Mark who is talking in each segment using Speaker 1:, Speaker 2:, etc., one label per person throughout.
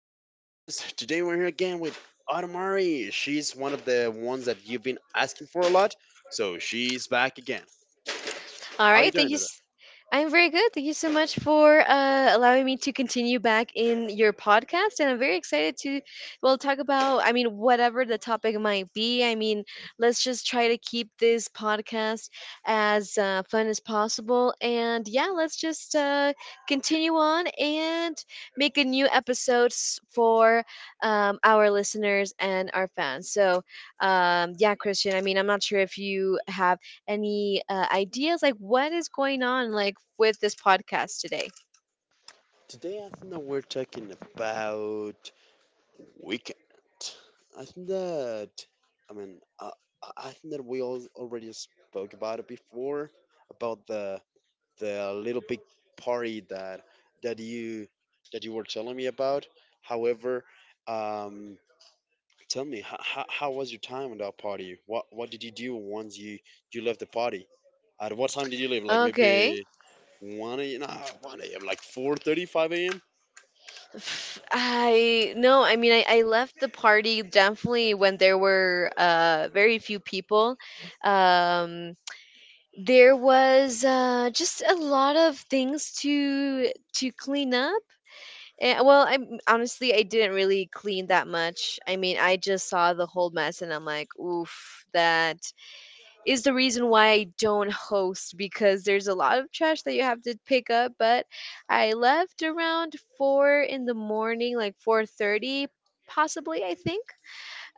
Speaker 1: a new podcast. Today we're here again with Automari. She's one of the ones that you've been asking for a lot, so she's back again.
Speaker 2: All
Speaker 1: How you
Speaker 2: right, thank
Speaker 1: doing,
Speaker 2: you.
Speaker 1: Ada?
Speaker 2: I'm very good. Thank you so much for allowing me to continue back in your podcast, and I'm very excited to talk about. I mean, whatever the topic might be. I mean, let's just try to keep this podcast as fun as possible, and yeah, let's just continue on and make a new episodes for our listeners and our fans. So, yeah, Christian. I mean, I'm not sure if you have any ideas? Like, what is going on like with this podcast today?
Speaker 1: Today I think that we're talking about weekend. I think that I mean I I I think that we all already spoke about it before about the little big party that that you that you were telling me about. However, um, tell me how was your time on that party? What did you do once you left the party? At what time did you leave? Like
Speaker 2: Okay.
Speaker 1: maybe one a.m. Nah, one a.m. Like 4:35 a.m.
Speaker 2: I no, I mean I left the party definitely when there were very few people. Um there was just a lot of things to clean up. And, well, I honestly I didn't really clean that much. I mean, I just saw the whole mess and I'm like, "Oof, that is the reason why I don't host because there's a lot of trash that you have to pick up." But I left around 4 in the morning, like 4:30, possibly I think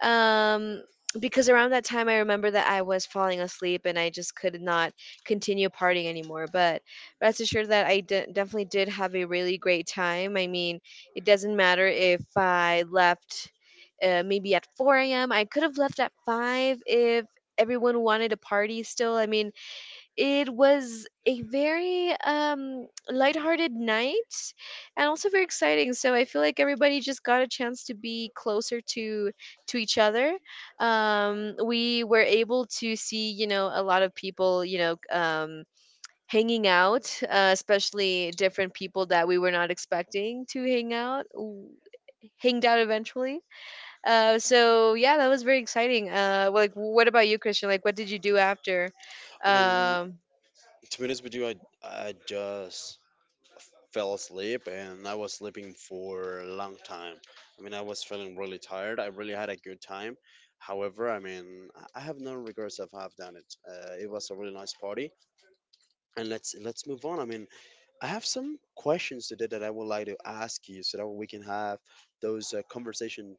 Speaker 2: um because around that time I remember that I was falling asleep and I just could not continue partying anymore. But rest assured that definitely did have a really great time. I mean, it doesn't matter if I left maybe at 4 a.m., I could have left at 5 if everyone wanted to party still. I mean, it was a very lighthearted night and also very exciting. So I feel like everybody just got a chance to be closer to each other. We were able to see, you know, a lot of people, hanging out, especially different people that we were not expecting to hang out. Hanged out eventually. So yeah, that was very exciting. Like, what about you, Christian? Like, what did you do after?
Speaker 1: I mean,
Speaker 2: Um,
Speaker 1: to be honest with you, I just fell asleep and I was sleeping for a long time. I mean, I was feeling really tired. I really had a good time. However, I mean, I have no regrets of have done it. It was a really nice party, and let's move on. I mean, I have some questions today that I would like to ask you so that we can have those conversation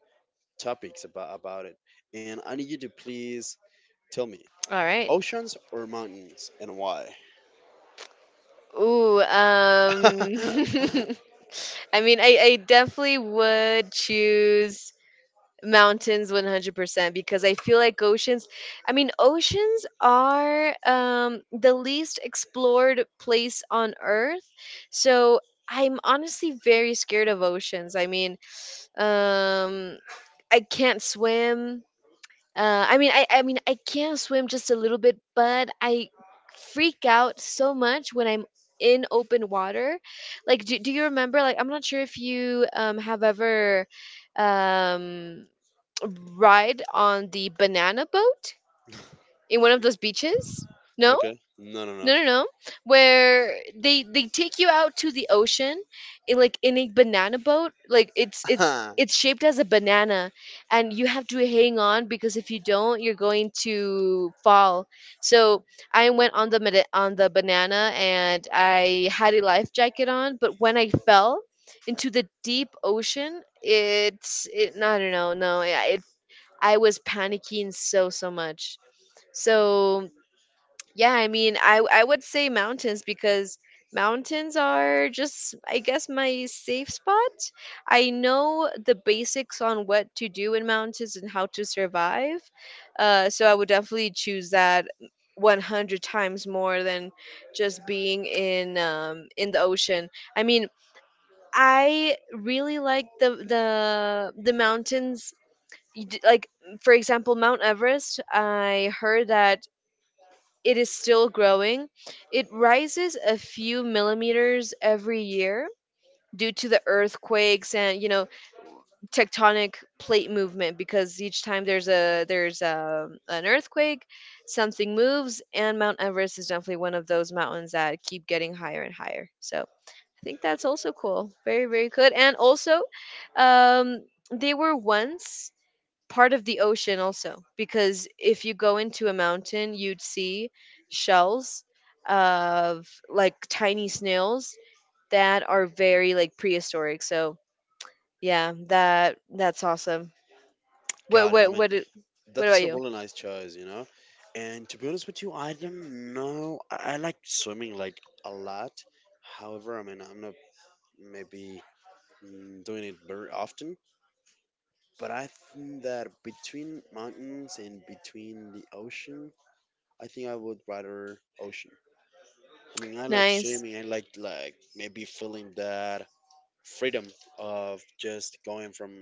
Speaker 1: topics about it. And I need you to please tell me
Speaker 2: All right.
Speaker 1: oceans or mountains and why.
Speaker 2: Ooh, I definitely would choose mountains 100% because I feel like oceans I mean oceans are the least explored place on earth. So I'm honestly very scared of oceans. I mean, um I can't swim. I mean, I can swim just a little bit, but I freak out so much when I'm in open water. Like, do you remember? Like, I'm not sure if you have ever um ride on the banana boat in one of those beaches. No?
Speaker 1: Okay. No, no,
Speaker 2: No, no, no. Where they take you out to the ocean, like in a banana boat. Like it's it's
Speaker 1: no.
Speaker 2: it's shaped as a banana, and you have to hang on because if you don't, you're going to fall. So I went on the on the banana, and I had a life jacket on. But when I fell into the deep ocean, it's it. No, no, not No, yeah, it. I was panicking so much. So yeah, I mean, I would say mountains because mountains are just, I guess, my safe spot. I know the basics on what to do in mountains and how to survive. So I would definitely choose that 100 times more than just being in the ocean. I mean, I really like the mountains. Like for example, Mount Everest. I heard that it is still growing. It rises a few millimeters every year due to the earthquakes and, you know, tectonic plate movement because each time an earthquake something moves and Mount Everest is definitely one of those mountains that keep getting higher and higher. So I think that's also cool, very very good. And also um they were once part of the ocean also, because if you go into a mountain you'd see shells of like tiny snails that are very like prehistoric. So yeah, that that's awesome. what
Speaker 1: Got it. I
Speaker 2: what
Speaker 1: mean,
Speaker 2: what it- what
Speaker 1: that's
Speaker 2: about
Speaker 1: a
Speaker 2: you?
Speaker 1: really nice choice, you know. And to be honest with you, I don't know. I like swimming like a lot. However, I mean, I'm not maybe doing it very often. But I think that between mountains and between the ocean, I think I would rather ocean. I mean, I like
Speaker 2: Nice.
Speaker 1: swimming. I like maybe feeling that freedom of just going from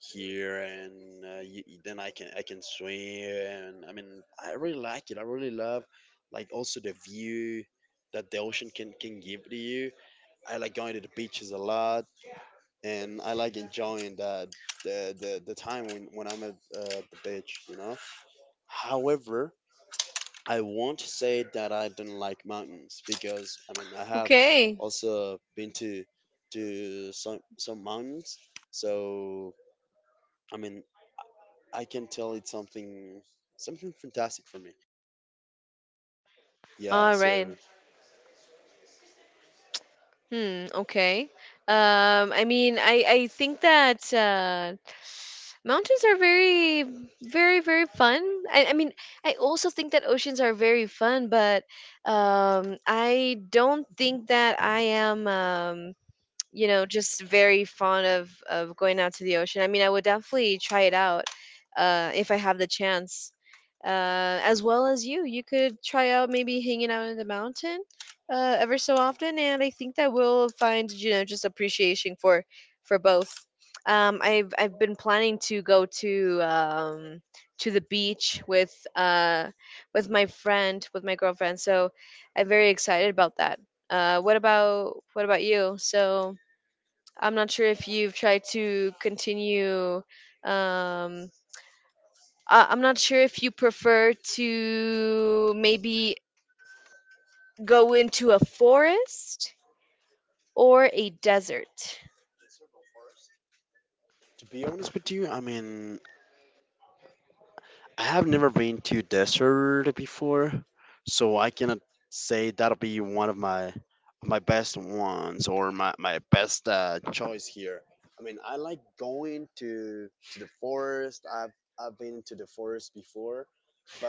Speaker 1: here and y then I can swim. I mean, I really like it. I really love like also the view that the ocean can give to you. I like going to the beaches a lot, and I like enjoying the time when I'm at the beach, you know. However, I won't say that I don't like mountains because I mean I have
Speaker 2: Okay,
Speaker 1: also been to some mountains. So I mean I can tell it's something fantastic for me. Yeah,
Speaker 2: all right.
Speaker 1: so
Speaker 2: Hmm, okay. I mean I think that mountains are very, very, very fun. I mean, I also think that oceans are very fun, but I don't think that I am. You know, just very fond of going out to the ocean. I mean, I would definitely try it out if I have the chance. As well as you, you could try out maybe hanging out in the mountain ever so often, and I think that we'll find, you know, just appreciation for both. I've been planning to go to the beach with my friend with my girlfriend, so I'm very excited about that. What about you? So I'm not sure if you've tried to continue. Um, I'm not sure if you prefer to maybe go into a forest or a desert.
Speaker 1: to be honest with you, I mean, I have never been to desert before, so I cannot say that'll be one of my best ones or my best choice here. I mean, I like going to the forest. I've been to the forest before, but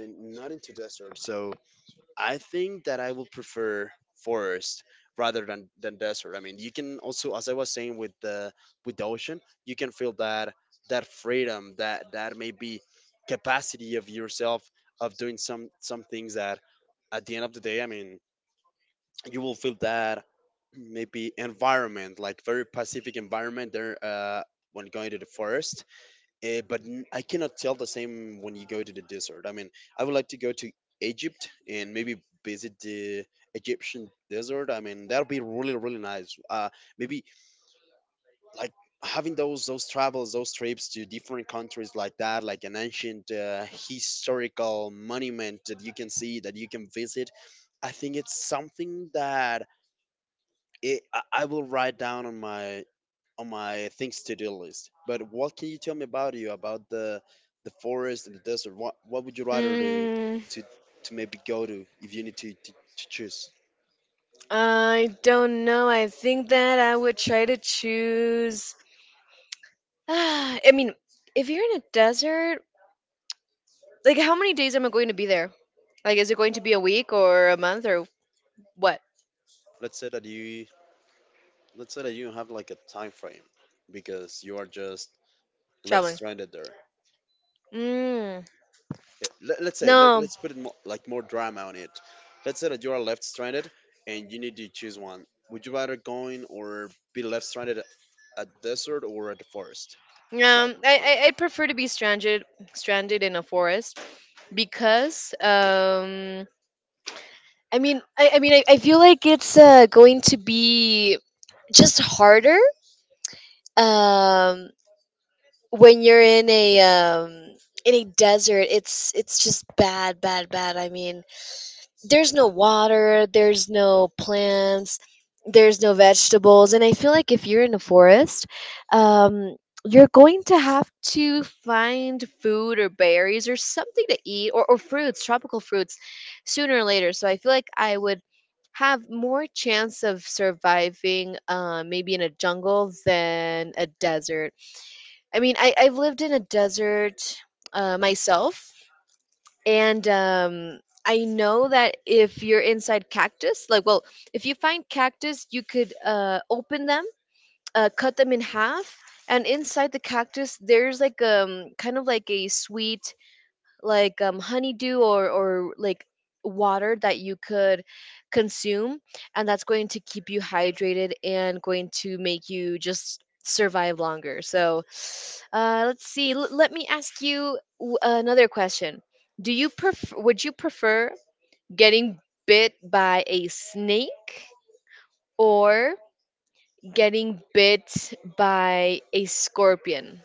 Speaker 1: not into desert. So I think that I will prefer forest rather than desert. I mean, you can also, as I was saying with the ocean, you can feel that freedom, that that maybe capacity of yourself of doing some things that at the end of the day, I mean, you will feel that maybe environment, like very pacific environment there when going to the forest, but I cannot tell the same when you go to the desert. I mean, I would like to go to Egypt and maybe visit the Egyptian desert. I mean, that'll be really, really nice. Maybe like having those travels, those trips to different countries like that, like an ancient historical monument that you can see, that you can visit. I think it's something that I will write down on my things to do list. But what can you tell me about you about the forest and the desert? What would you rather do
Speaker 2: Hmm.
Speaker 1: to maybe go to if you need to to choose?
Speaker 2: I don't know. I think that I would try to choose. I mean, if you're in a desert, like how many days am I going to be there? Like, is it going to be a week or a month or what?
Speaker 1: Let's say that you let's say that you don't have like a time frame because you are just left
Speaker 2: Traveling.
Speaker 1: stranded there.
Speaker 2: Mm.
Speaker 1: Yeah, let's say
Speaker 2: No.
Speaker 1: let's put it more, like more drama on it. Let's say that you are left stranded and you need to choose one. Would you rather going or be left stranded at desert or at the forest, like
Speaker 2: Um,
Speaker 1: in the
Speaker 2: I,
Speaker 1: forest?
Speaker 2: I I prefer to be stranded in a forest because I mean I feel like it's going to be just harder um when you're um in a desert. It's just bad bad. I mean there's no water, there's no plants, there's no vegetables. And I feel like if you're in a forest, um, you're going to have to find food or berries or something to eat, or fruits, tropical fruits, sooner or later. So I feel like I would have more chance of surviving, maybe in a jungle than a desert. I mean, I've lived in a desert myself, and I know that if you're inside cactus, like, well, if you find cactus you could open them, cut them in half, and inside the cactus there's like kind of like a sweet, like honeydew, or like water that you could consume, and that's going to keep you hydrated and going to make you just survive longer. So let's see. Let me ask you another question. Do you prefer, would you prefer getting bit by a snake, or getting bit by a scorpion?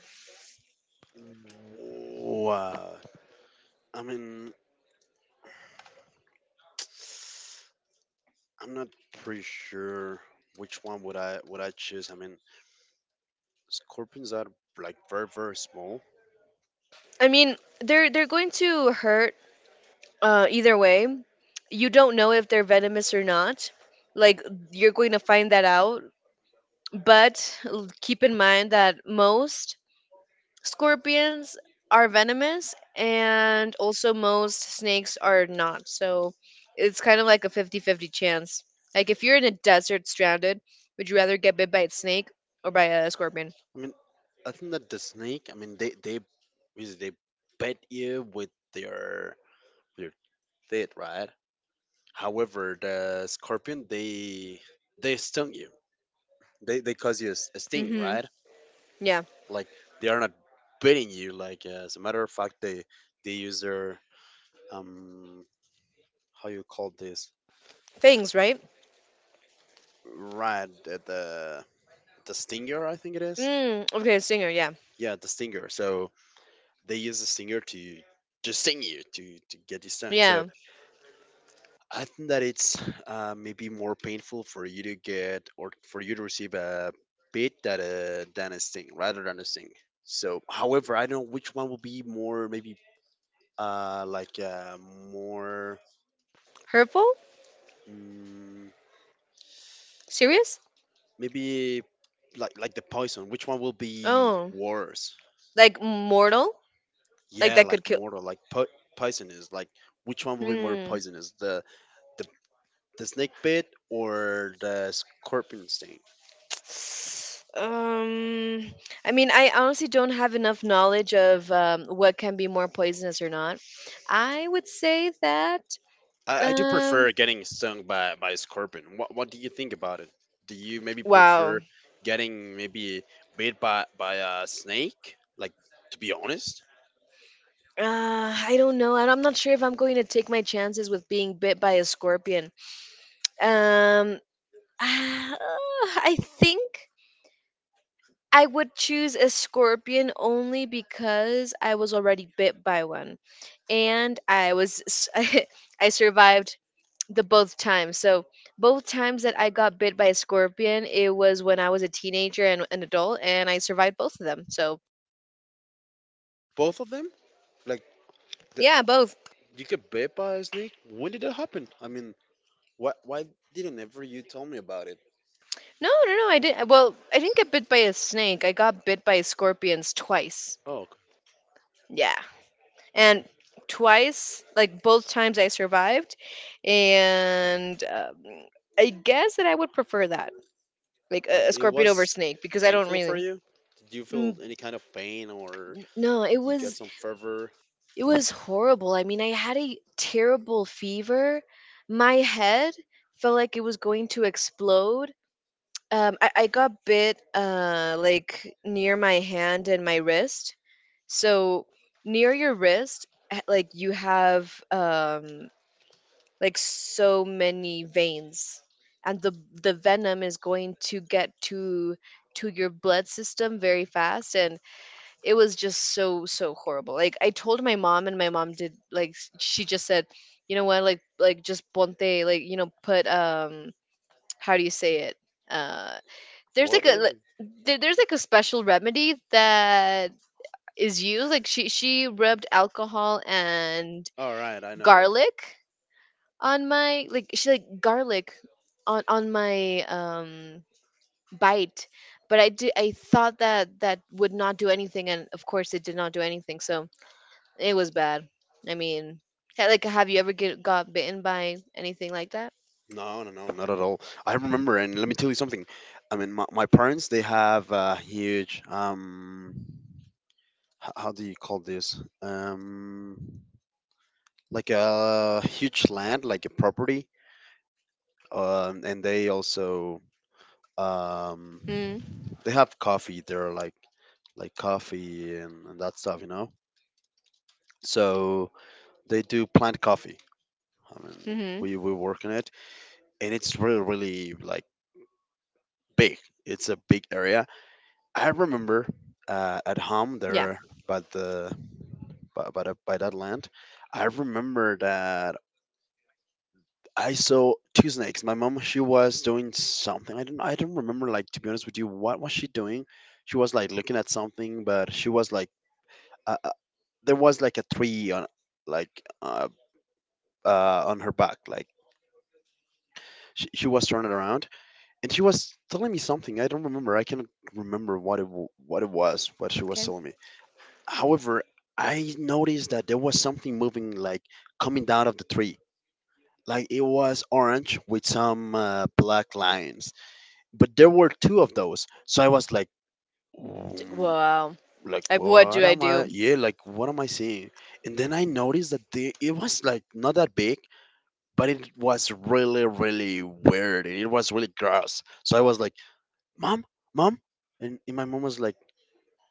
Speaker 1: Wow, I mean, I'm not pretty sure which one would I choose. I mean, scorpions are like very, very small.
Speaker 2: I mean they're going to hurt either way. You don't know if they're venomous or not. Like, you're going to find that out. But keep in mind that most scorpions are venomous, and also most snakes are not. So it's kind of like a 50-50 chance. Like if you're in a desert stranded, would you rather get bit by a snake or by a scorpion?
Speaker 1: I mean, I think that the snake, I mean they bite you with their with their teeth, right? However, the scorpion, they stung you. They cause you a a sting,
Speaker 2: Mm-hmm.
Speaker 1: right?
Speaker 2: Yeah.
Speaker 1: Like they are not biting you. Like, as a matter of fact, they use their um how you call this
Speaker 2: Fangs, right?
Speaker 1: right the stinger, I think it is.
Speaker 2: Mm, okay, stinger, yeah.
Speaker 1: Yeah, the stinger. So they use the stinger to sting you to get you stung. So
Speaker 2: Yeah.
Speaker 1: I think that it's maybe more painful for you to get or for you to receive a bit that than a sting, rather than a sting. So, however, I don't know which one will be more maybe uh, like uh, more
Speaker 2: Hurtful?
Speaker 1: mm,
Speaker 2: Serious?
Speaker 1: maybe like the poison. Which one will be
Speaker 2: Oh,
Speaker 1: worse?
Speaker 2: like mortal, like
Speaker 1: Yeah,
Speaker 2: that could
Speaker 1: like
Speaker 2: kill.
Speaker 1: mortal, like poisonous. Like which one will be more
Speaker 2: Hmm.
Speaker 1: poisonous? The the snake bit or the scorpion sting?
Speaker 2: Um, I mean, I honestly don't have enough knowledge of, what can be more poisonous or not. I would say that.
Speaker 1: I do
Speaker 2: Um,
Speaker 1: prefer getting stung by a scorpion. What do you think about it? Do you maybe
Speaker 2: wow.
Speaker 1: prefer getting maybe bit by a snake? Like, to be honest,
Speaker 2: I don't know, and I'm not sure if I'm going to take my chances with being bit by a scorpion. Um, I think I would choose a scorpion only because I was already bit by one, and I was I survived the both times. So both times that I got bit by a scorpion, it was when I was a teenager and an adult, and I survived both of them. So
Speaker 1: both of them. Like the,
Speaker 2: yeah, both.
Speaker 1: you get bit by a snake. When did that happen? I mean, why didn't ever you tell me about it?
Speaker 2: No, no, no. I didn't. Well, I didn't get bit by a snake. I got bit by scorpions twice.
Speaker 1: Oh, okay.
Speaker 2: Yeah. And twice, like both times I survived. And I guess that I would prefer that, like
Speaker 1: Like,
Speaker 2: a
Speaker 1: it
Speaker 2: scorpion over
Speaker 1: was
Speaker 2: snake, because I don't
Speaker 1: painful for
Speaker 2: really.
Speaker 1: you. Did you feel
Speaker 2: Mm,
Speaker 1: any kind of pain or
Speaker 2: no it
Speaker 1: you get
Speaker 2: was,
Speaker 1: some fever?
Speaker 2: it was horrible. I mean I had a terrible fever. My head felt like it was going to explode. I got bit like near my hand and my wrist. So near your wrist, like you have, like so many veins, and the venom is going to get to your blood system very fast. And it was just so so horrible. Like I told my mom and my mom did, like, she just said, you know what, like just ponte, like, you know, put, how do you say it, uh there's like
Speaker 1: Water.
Speaker 2: there, there's like a special remedy that is used, like, she rubbed alcohol and
Speaker 1: All right, I know what.
Speaker 2: garlic on my, like, she garlic on my bite. But I did, I thought that that would not do anything, and of course it did not do anything. So it was bad. I mean, like have you ever get got bitten by anything like that?
Speaker 1: No, no, no, not at all. I remember, and let me tell you something. I mean, my parents they have a huge how do you call this? Like a huge land, like a property. And they also um,
Speaker 2: Mm,
Speaker 1: they have coffee. They're like coffee and that stuff, you know. So they do plant coffee. I mean,
Speaker 2: mm-hmm.
Speaker 1: we work on it, and it's really, really like, big. It's a big area. I remember at home
Speaker 2: Yeah,
Speaker 1: there by the by that land. I remember that I saw two snakes. My mom she was doing something. I don't remember, like, to be honest with you, what was she doing. She was like looking at something, but she was like uh, uh, there was like a tree on like uh, on her back. Like she was turning around and she was telling me something. I don't remember. I cannot remember what it was, what she was
Speaker 2: okay.
Speaker 1: telling me. However, I noticed that there was something moving, like coming down of the tree. Like it was orange with some black lines, but there were two of those. So I was like, "Mm,
Speaker 2: Wow,
Speaker 1: like
Speaker 2: like what
Speaker 1: what
Speaker 2: do I
Speaker 1: am I?
Speaker 2: do?
Speaker 1: Yeah, like what am I seeing?" And then I noticed that the it was like not that big, but it was really, really weird, and it was really gross. So I was like, "Mom, mom," and my mom was like,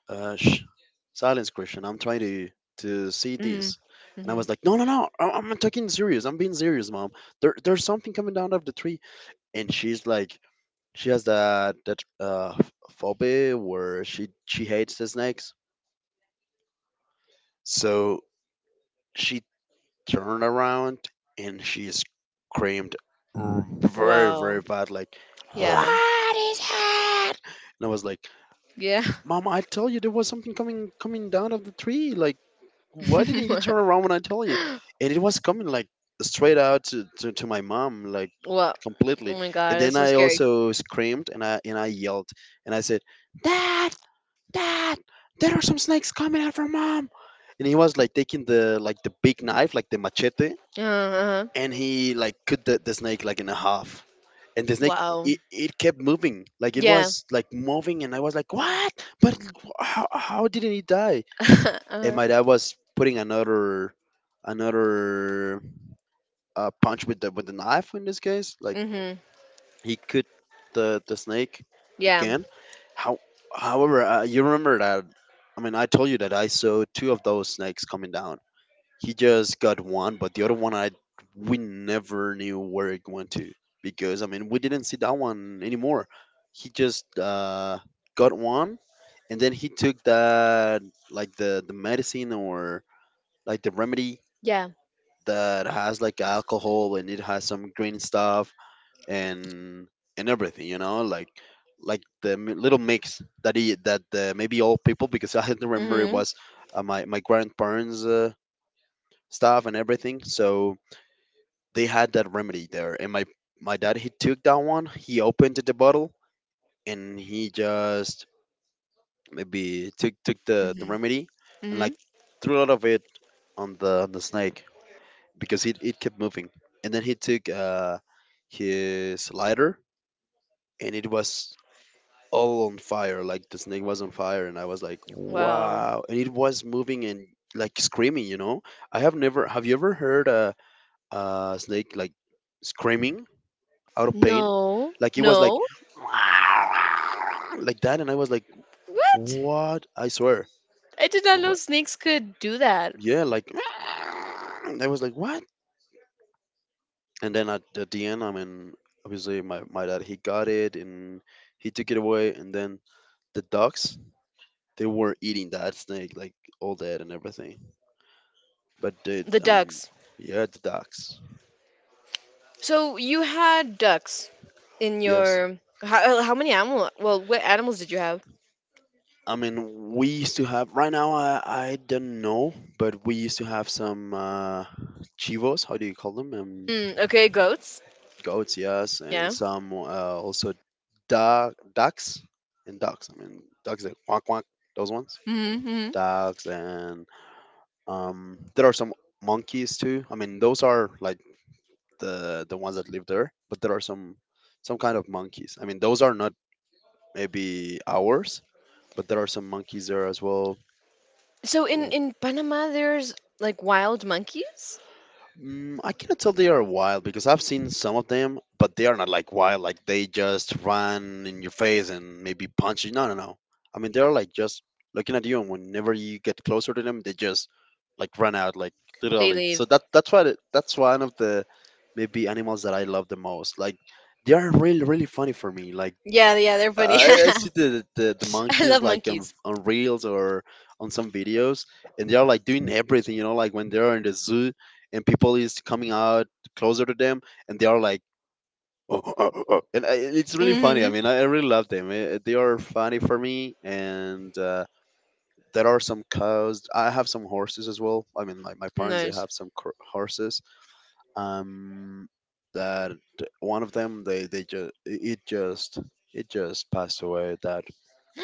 Speaker 1: uh, sh- "Silence, Christian. I'm trying to see this." And I
Speaker 2: Mm-hmm.
Speaker 1: was like, "No, no, no! I'm talking serious. I'm being serious, mom. There's something coming down of the tree." And she's like, she has that that phobia where she hates the snakes. So she turned around and she screamed very,
Speaker 2: Wow.
Speaker 1: very bad, like,
Speaker 2: Yeah.
Speaker 1: "What is that?" And I was like,
Speaker 2: Yeah.
Speaker 1: "Mom, I told you there was something coming down of the tree. Like, why didn't you turn around when I tell you?" And it was coming like straight out to, to my mom, like
Speaker 2: Wow. Oh
Speaker 1: completely.
Speaker 2: my god,
Speaker 1: And
Speaker 2: that's
Speaker 1: then
Speaker 2: so
Speaker 1: I
Speaker 2: scary.
Speaker 1: also screamed and I yelled and I said, "Dad, Dad, there are some snakes coming out from mom." And he was like taking the like the big knife, like the machete,
Speaker 2: Uh-huh.
Speaker 1: and he like cut the snake like in a half. And the snake
Speaker 2: Wow.
Speaker 1: it kept moving. Like it
Speaker 2: Yeah.
Speaker 1: was like moving and I was like, "What? But how didn't he die?" And
Speaker 2: uh-huh.
Speaker 1: my dad was putting another another punch with the knife in this case, like
Speaker 2: Mhm.
Speaker 1: he cut the snake
Speaker 2: Yeah.
Speaker 1: again. How however uh, you remember that? I mean, I told you that I saw two of those snakes coming down. He just got one, but the other one, I we never knew where it went to, because I mean, we didn't see that one anymore. He just got one. And then he took that, like the medicine, or like the remedy
Speaker 2: Yeah.
Speaker 1: that has like alcohol and it has some green stuff, and and everything, like the little mix that he that the maybe old people, because I don't remember, it
Speaker 2: Mhm.
Speaker 1: was my grandparents stuff and everything. So they had that remedy there, and my dad, he took that one, he opened the bottle, and he just maybe took the
Speaker 2: Mhm.
Speaker 1: remedy, and
Speaker 2: Mhm.
Speaker 1: like threw a lot of it on the snake, because it kept moving. And then he took his lighter, and it was all on fire. Like the snake was on fire. And I was like,
Speaker 2: Wow.
Speaker 1: wow. And it was moving and like screaming, you know? I have never, have you ever heard a snake like screaming out of pain?
Speaker 2: No.
Speaker 1: Like it was like,
Speaker 2: No.
Speaker 1: like that. And I was like,
Speaker 2: What?
Speaker 1: what? I swear.
Speaker 2: I did not know
Speaker 1: What?
Speaker 2: snakes could do that.
Speaker 1: Yeah, like, I was like, what? And then at the end, I mean, obviously my dad, he got it and he took it away, and then the dogs, they were eating that snake, like all that and everything. But they,
Speaker 2: The
Speaker 1: I mean,
Speaker 2: ducks.
Speaker 1: yeah, the dogs.
Speaker 2: So you had ducks in
Speaker 1: Yes,
Speaker 2: your how many animal? Well, what animals did you have?
Speaker 1: I mean, we used to have... right now, I don't know, but we used to have some chivos, how do you call them?
Speaker 2: Mm, okay, goats.
Speaker 1: Goats, yes, and
Speaker 2: Yeah.
Speaker 1: some also ducks. And ducks, I mean, ducks that quack quack, those ones.
Speaker 2: Mm-hmm. mm-hmm.
Speaker 1: Ducks, and there are some monkeys too. I mean, those are like the ones that live there, but there are some kind of monkeys. I mean, those are not maybe ours, but there are some monkeys there as well.
Speaker 2: So in Panama, there's like wild monkeys.
Speaker 1: Mm, I cannot tell they are wild, because I've seen some of them, but they are not like wild. Like they just run in your face and maybe punch you. No, no, no. I mean, they're like just looking at you, and whenever you get closer to them, they just like run out, like
Speaker 2: They
Speaker 1: literally.
Speaker 2: live.
Speaker 1: So that's why that's one of the maybe animals that I love the most. Like they are really really funny for me. Like
Speaker 2: Yeah, yeah, they're funny.
Speaker 1: I see the
Speaker 2: I
Speaker 1: monkeys
Speaker 2: love
Speaker 1: like
Speaker 2: monkeys.
Speaker 1: on reels or on some videos, and they are like doing everything, like when they're in the zoo and people is coming out closer to them, and they are like, and I, it's really funny. I
Speaker 2: Mhm.
Speaker 1: mean, I really love them. They are funny for me, and there are some cows. I have some horses as well. I mean, my parents, they
Speaker 2: Nice.
Speaker 1: have some horses. um that one of them, they just it just passed away,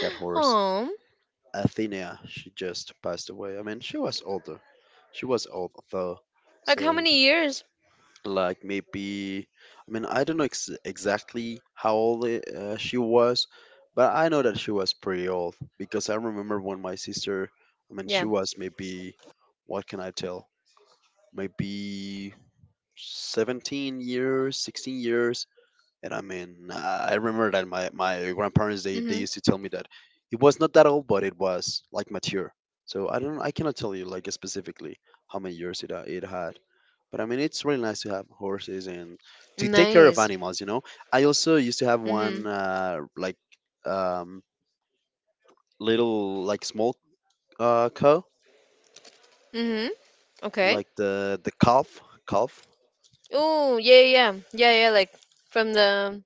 Speaker 1: that horse.
Speaker 2: Oh,
Speaker 1: Athena, she just passed away. I mean, she was older. She was old, though.
Speaker 2: like how
Speaker 1: So
Speaker 2: many years?
Speaker 1: like maybe... I mean, I don't know exactly how old she was, but I know that she was pretty old, because I remember when my sister... I mean, she
Speaker 2: Yeah.
Speaker 1: was maybe, what can I tell? Maybe 17 years, 16 years. And I mean, I remember that my grandparents, they
Speaker 2: Mhm.
Speaker 1: used to tell me that it was not that old, but it was like mature. So I cannot tell you like specifically how many years it had, but I mean, it's really nice to have horses and to take care of
Speaker 2: Nice.
Speaker 1: animals. I also used to have one
Speaker 2: Mhm.
Speaker 1: like um, little, like small cow,
Speaker 2: Mhm. Okay.
Speaker 1: like the calf, calf
Speaker 2: Oh, yeah, yeah, yeah, yeah, yeah, Like from the.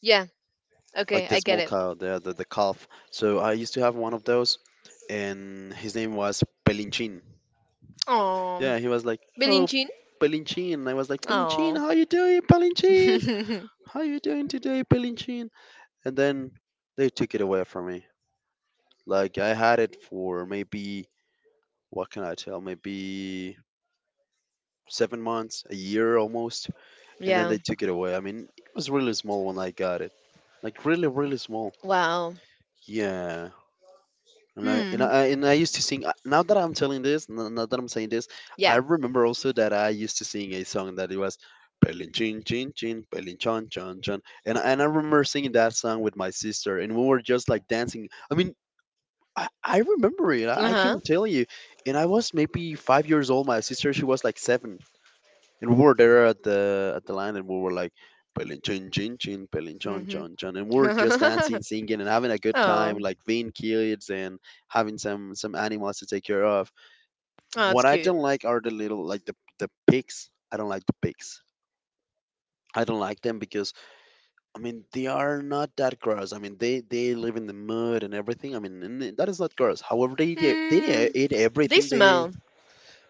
Speaker 2: Yeah. Okay,
Speaker 1: like the
Speaker 2: I get
Speaker 1: small
Speaker 2: it.
Speaker 1: cow, the calf. So I used to have one of those, and his name was Pelinchin.
Speaker 2: Oh,
Speaker 1: Yeah, he was like, oh,
Speaker 2: Belinchin.
Speaker 1: Pelinchin. And I was like, Pelinchin,
Speaker 2: Oh.
Speaker 1: how you doing, Pelinchin? How you doing today, Pelinchin? And then they took it away from me. Like I had it for maybe, what can I tell? Maybe 7 months, a year almost, and then
Speaker 2: yeah.
Speaker 1: they took it away. I mean, it was really small when I got it, like really, really small.
Speaker 2: Wow.
Speaker 1: Yeah.
Speaker 2: Hmm.
Speaker 1: And I used to sing. Now that I'm telling this, now that I'm saying this, I
Speaker 2: Yeah.
Speaker 1: remember also that I used to sing a song that it was Pelin Chin Chin Chin Pelin Chon Chon Chon, and and I remember singing that song with my sister, and we were just like dancing. I mean, I remember it.
Speaker 2: Uh
Speaker 1: I
Speaker 2: huh.
Speaker 1: can tell you, and I was maybe 5 years old. My sister, she was like seven, and we were there at the land, and we were like, "Pelin chin chin chin, pelin chon
Speaker 2: Mhm.
Speaker 1: chon chon," and we were just dancing,
Speaker 2: oh,
Speaker 1: singing, and having a good time,
Speaker 2: oh,
Speaker 1: like being kids and having some animals to take care of.
Speaker 2: it's
Speaker 1: What I
Speaker 2: cute.
Speaker 1: don't like are the little, like the pigs. I don't like the pigs. I don't like them because I mean, they are not that gross. I mean, they live in the mud and everything. I mean, and that is not gross. However, they
Speaker 2: Mm,
Speaker 1: eat
Speaker 2: they
Speaker 1: everything.
Speaker 2: smell.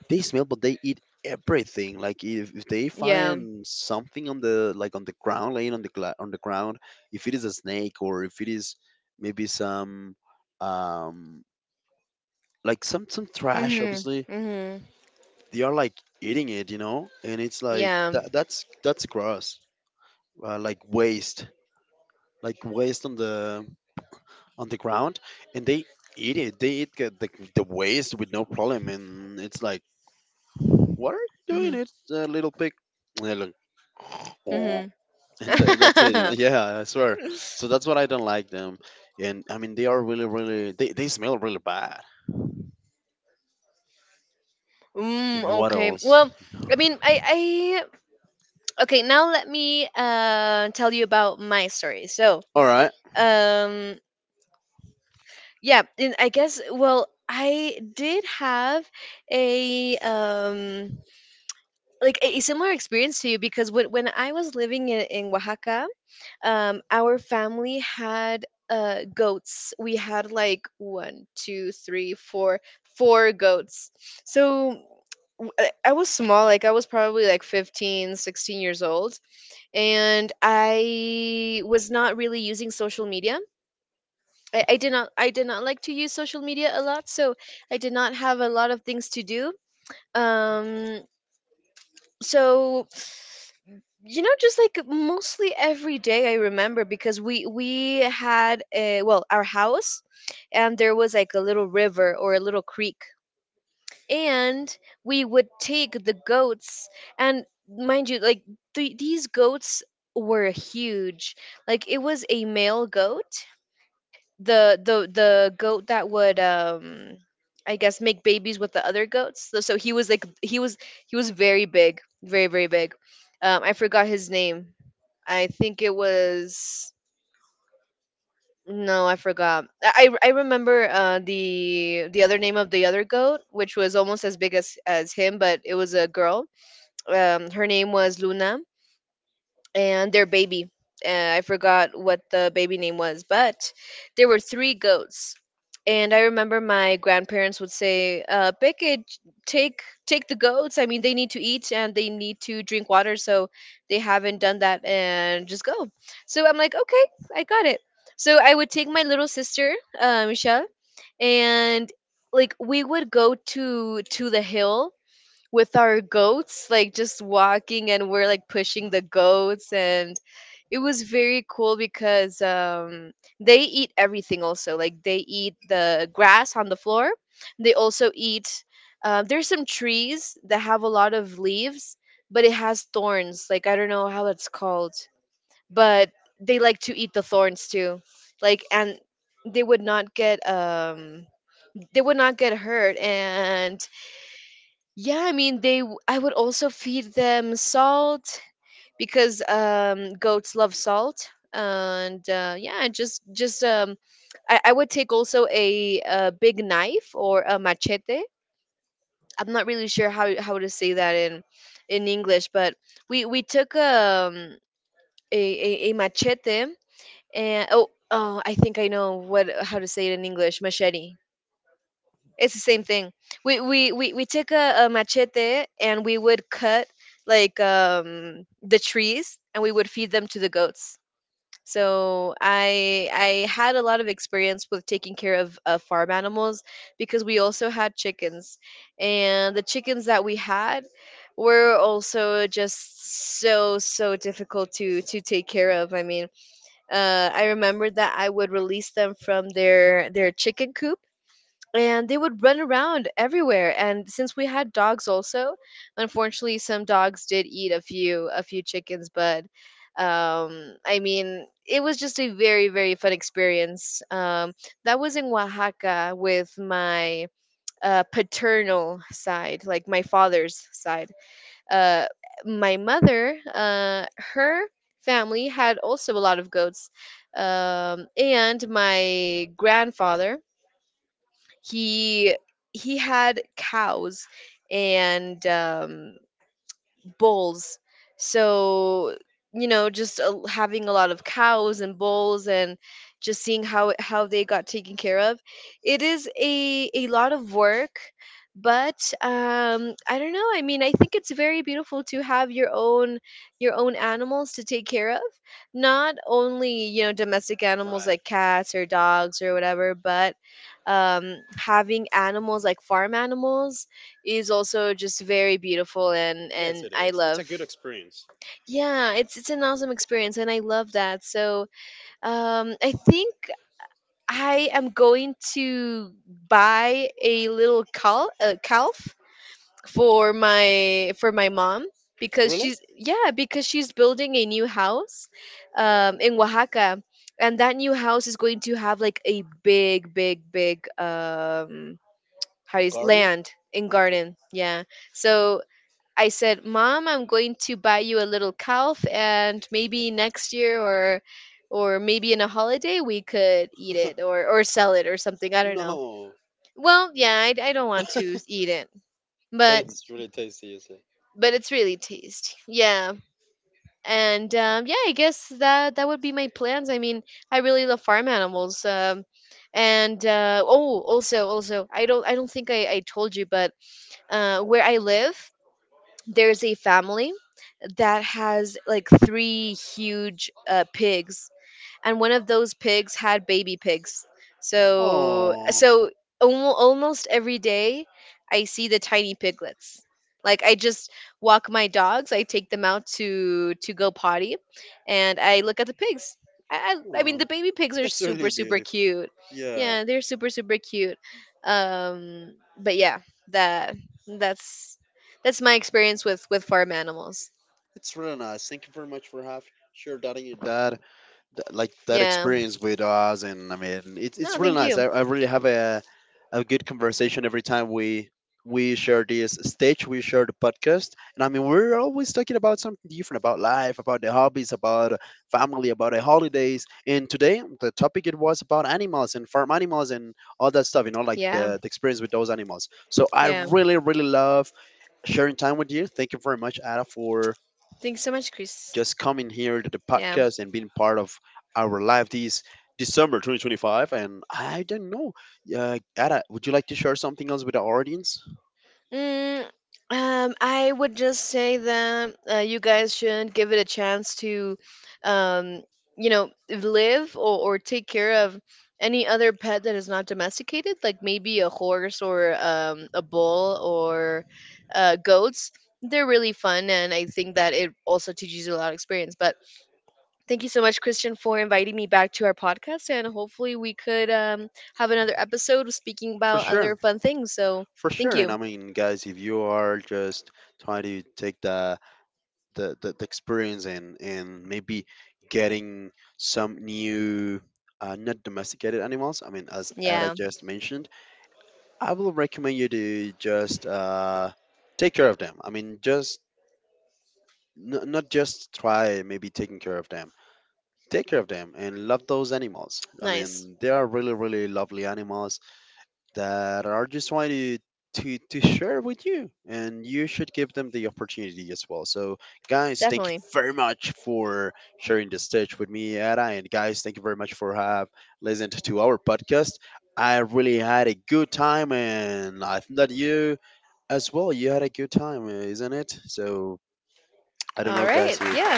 Speaker 1: They smell, but they eat everything. Like if they
Speaker 2: Yeah.
Speaker 1: find something on the, like on the ground, laying on on the ground, if it is a snake, or if it is maybe some um like some trash,
Speaker 2: Mhm.
Speaker 1: obviously
Speaker 2: Mhm.
Speaker 1: they are like eating it, you know. And it's like
Speaker 2: Yeah.
Speaker 1: that, that's gross. Like waste, like waste on the ground, and they eat it. They eat the waste with no problem, and it's like, what are you doing?
Speaker 2: Mhm.
Speaker 1: It's a little pig. And they're like, "Oh,"
Speaker 2: Mhm.
Speaker 1: and, and that's it. And yeah, I swear. So that's what I don't like them. And I mean, they are really, really... they smell really bad.
Speaker 2: mm,
Speaker 1: What
Speaker 2: okay. Well,
Speaker 1: else?
Speaker 2: I mean, I okay, now let me tell you about my story. So,
Speaker 1: All right.
Speaker 2: um yeah, and I guess well, I did have a like a similar experience to you because when I was living in Oaxaca, our family had goats. We had like one two three four four goats. So I was small. Like, I was probably like 15 16 years old and I was not really using social media. I did not, I did not like to use social media a lot, so I did not have a lot of things to do. Um so you know, just like mostly every day, I remember, because we had a well, our house, and there was like a little river or a little creek, and we would take the goats. And mind you, like, these goats were huge. Like, it was a male goat, the goat that would I guess make babies with the other goats. So, so he was like, he was, he was very big, very very big. I forgot his name. I think it was, no, I forgot. I remember the other name of the other goat, which was almost as big as him, but it was a girl. Her name was Luna and their baby. I forgot what the baby name was, but there were three goats. And I remember my grandparents would say, "Pick it, take the goats. I mean, they need to eat and they need to drink water, so they haven't done that, and just go." So I'm like, "Okay, I got it." So I would take my little sister, Michelle, and like we would go to the hill with our goats, like just walking and we're like pushing the goats. And it was very cool because they eat everything also. Like, they eat the grass on the floor. They also eat there's some trees that have a lot of leaves, but it has thorns. Like, I don't know how that's called. But they like to eat the thorns too. Like, and they would not get they would not get hurt. And yeah, I mean, they I would also feed them salt because goats love salt. And yeah, just I would take also a big knife or a machete. I'm not really sure how to say that in English, but we took a machete. And oh, oh, I think I know what how to say it in English, machete. It's the same thing. We took a machete, and we would cut like the trees, and we would feed them to the goats. So I had a lot of experience with taking care of farm animals, because we also had chickens. And the chickens that we had were also just so so difficult to take care of. I mean, I remember that I would release them from their chicken coop, and they would run around everywhere. And since we had dogs also, unfortunately some dogs did eat a few chickens. But um, I mean, it was just a very very fun experience. Um, that was in Oaxaca with my paternal side, like my father's side. Uh, my mother, uh, her family had also a lot of goats. Um, and my grandfather, he he had cows and bulls. So, you know, just a, having a lot of cows and bulls and just seeing how how they got taken care of. It is a lot of work, but um, I don't know. I mean, I think it's very beautiful to have your own, your own animals to take care of. Not only, you know, domestic animals
Speaker 1: Right.
Speaker 2: like cats or dogs or whatever, but having animals like farm animals is also just very beautiful,
Speaker 1: Yes,
Speaker 2: and
Speaker 1: it
Speaker 2: I
Speaker 1: is. It's a
Speaker 2: love.
Speaker 1: good experience.
Speaker 2: Yeah, it's an awesome experience, and I love that. So, um, I think I am going to buy a little calf for my, for my mom, because
Speaker 1: Really?
Speaker 2: she's, yeah, because she's building a new house
Speaker 1: All right.
Speaker 2: in Oaxaca, and that new house is going to have like a big um, how is
Speaker 1: Garden?
Speaker 2: land in
Speaker 1: Okay.
Speaker 2: garden. Yeah. So, I said, "Mom, I'm going to buy you a little calf, and maybe next year or maybe in a holiday we could eat it or sell it or something. I don't know."
Speaker 1: No.
Speaker 2: Well, yeah, I don't want to eat it,
Speaker 1: But
Speaker 2: but
Speaker 1: it's really tasty, you see.
Speaker 2: but it's really tasty. Yeah. And yeah, I guess that that would be my plans. I mean, I really love farm animals. And oh, also, also, I don't think I told you, but where I live, there's a family that has like three huge pigs. And one of those pigs had baby pigs. So
Speaker 1: Oh,
Speaker 2: so almost every day I see the tiny piglets. Like, I just walk my dogs, I take them out to go potty, and I look at the pigs. I mean
Speaker 1: oh,
Speaker 2: the baby pigs are
Speaker 1: that's really
Speaker 2: super super
Speaker 1: beautiful.
Speaker 2: cute.
Speaker 1: Yeah,
Speaker 2: Yeah, they're super super cute. Um, but yeah, that that's that's my experience with farm animals.
Speaker 1: it's really nice. Thank you very much for having shared that in your dad. Like that
Speaker 2: Yeah.
Speaker 1: experience with us. And I mean, it's
Speaker 2: No,
Speaker 1: really
Speaker 2: thank
Speaker 1: nice.
Speaker 2: you.
Speaker 1: I really have a good conversation every time we share this stage, we share the podcast. And I mean, we're always talking about something different, about life, about the hobbies, about family, about the holidays. And today the topic, it was about animals and farm animals and all that stuff, you know, like
Speaker 2: Yeah.
Speaker 1: the experience with those animals. So I
Speaker 2: Yeah.
Speaker 1: really really love sharing time with you. Thank you very much, Ada, for
Speaker 2: Thanks so much, Chris.
Speaker 1: just coming here to the
Speaker 2: Yeah.
Speaker 1: podcast and being part of our live this December 2025. And I don't know, Ada, would you like to share something else with the audience?
Speaker 2: Mm, I would just say that you guys should give it a chance to, um, you know, live or take care of any other pet that is not domesticated, like maybe a horse or a bull or goats. They're really fun, and I think that it also teaches you a lot of experience. But thank you so much, Christian, for inviting me back to our podcast, and hopefully we could have another episode speaking
Speaker 1: For
Speaker 2: about
Speaker 1: sure.
Speaker 2: other fun things. So
Speaker 1: For sure.
Speaker 2: thank
Speaker 1: And
Speaker 2: you.
Speaker 1: I mean, guys, if you are just trying to take the experience, and maybe getting some new not domesticated animals, I mean, as Ada
Speaker 2: Yeah,
Speaker 1: just mentioned, I will recommend you to just take care of them. I mean, just not just try maybe taking care of them. Take care of them and love those animals. I
Speaker 2: nice.
Speaker 1: mean, they are really really lovely animals that are just trying to to share with you, and you should give them the opportunity as well. So guys, thank you
Speaker 2: Definitely.
Speaker 1: very much for sharing the stage with me, Ada. And guys, thank you very much for have listened to our podcast. I really had a good time, and I think that you as well, you had a good time, isn't it? So I don't
Speaker 2: All
Speaker 1: know,
Speaker 2: right.
Speaker 1: guys, if
Speaker 2: Yeah.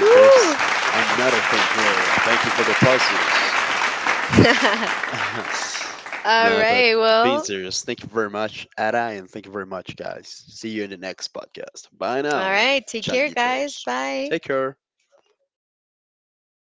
Speaker 1: there's
Speaker 2: Woo.
Speaker 1: another thing here. Thank you for the applauses.
Speaker 2: all
Speaker 1: No, but
Speaker 2: right.
Speaker 1: being
Speaker 2: Well,
Speaker 1: serious, thank you very much, Ada, and thank you very much, guys. See you in the next podcast. Bye
Speaker 2: all
Speaker 1: now,
Speaker 2: right. Take care, guys.
Speaker 1: changuitos.
Speaker 2: Bye.
Speaker 1: Take care.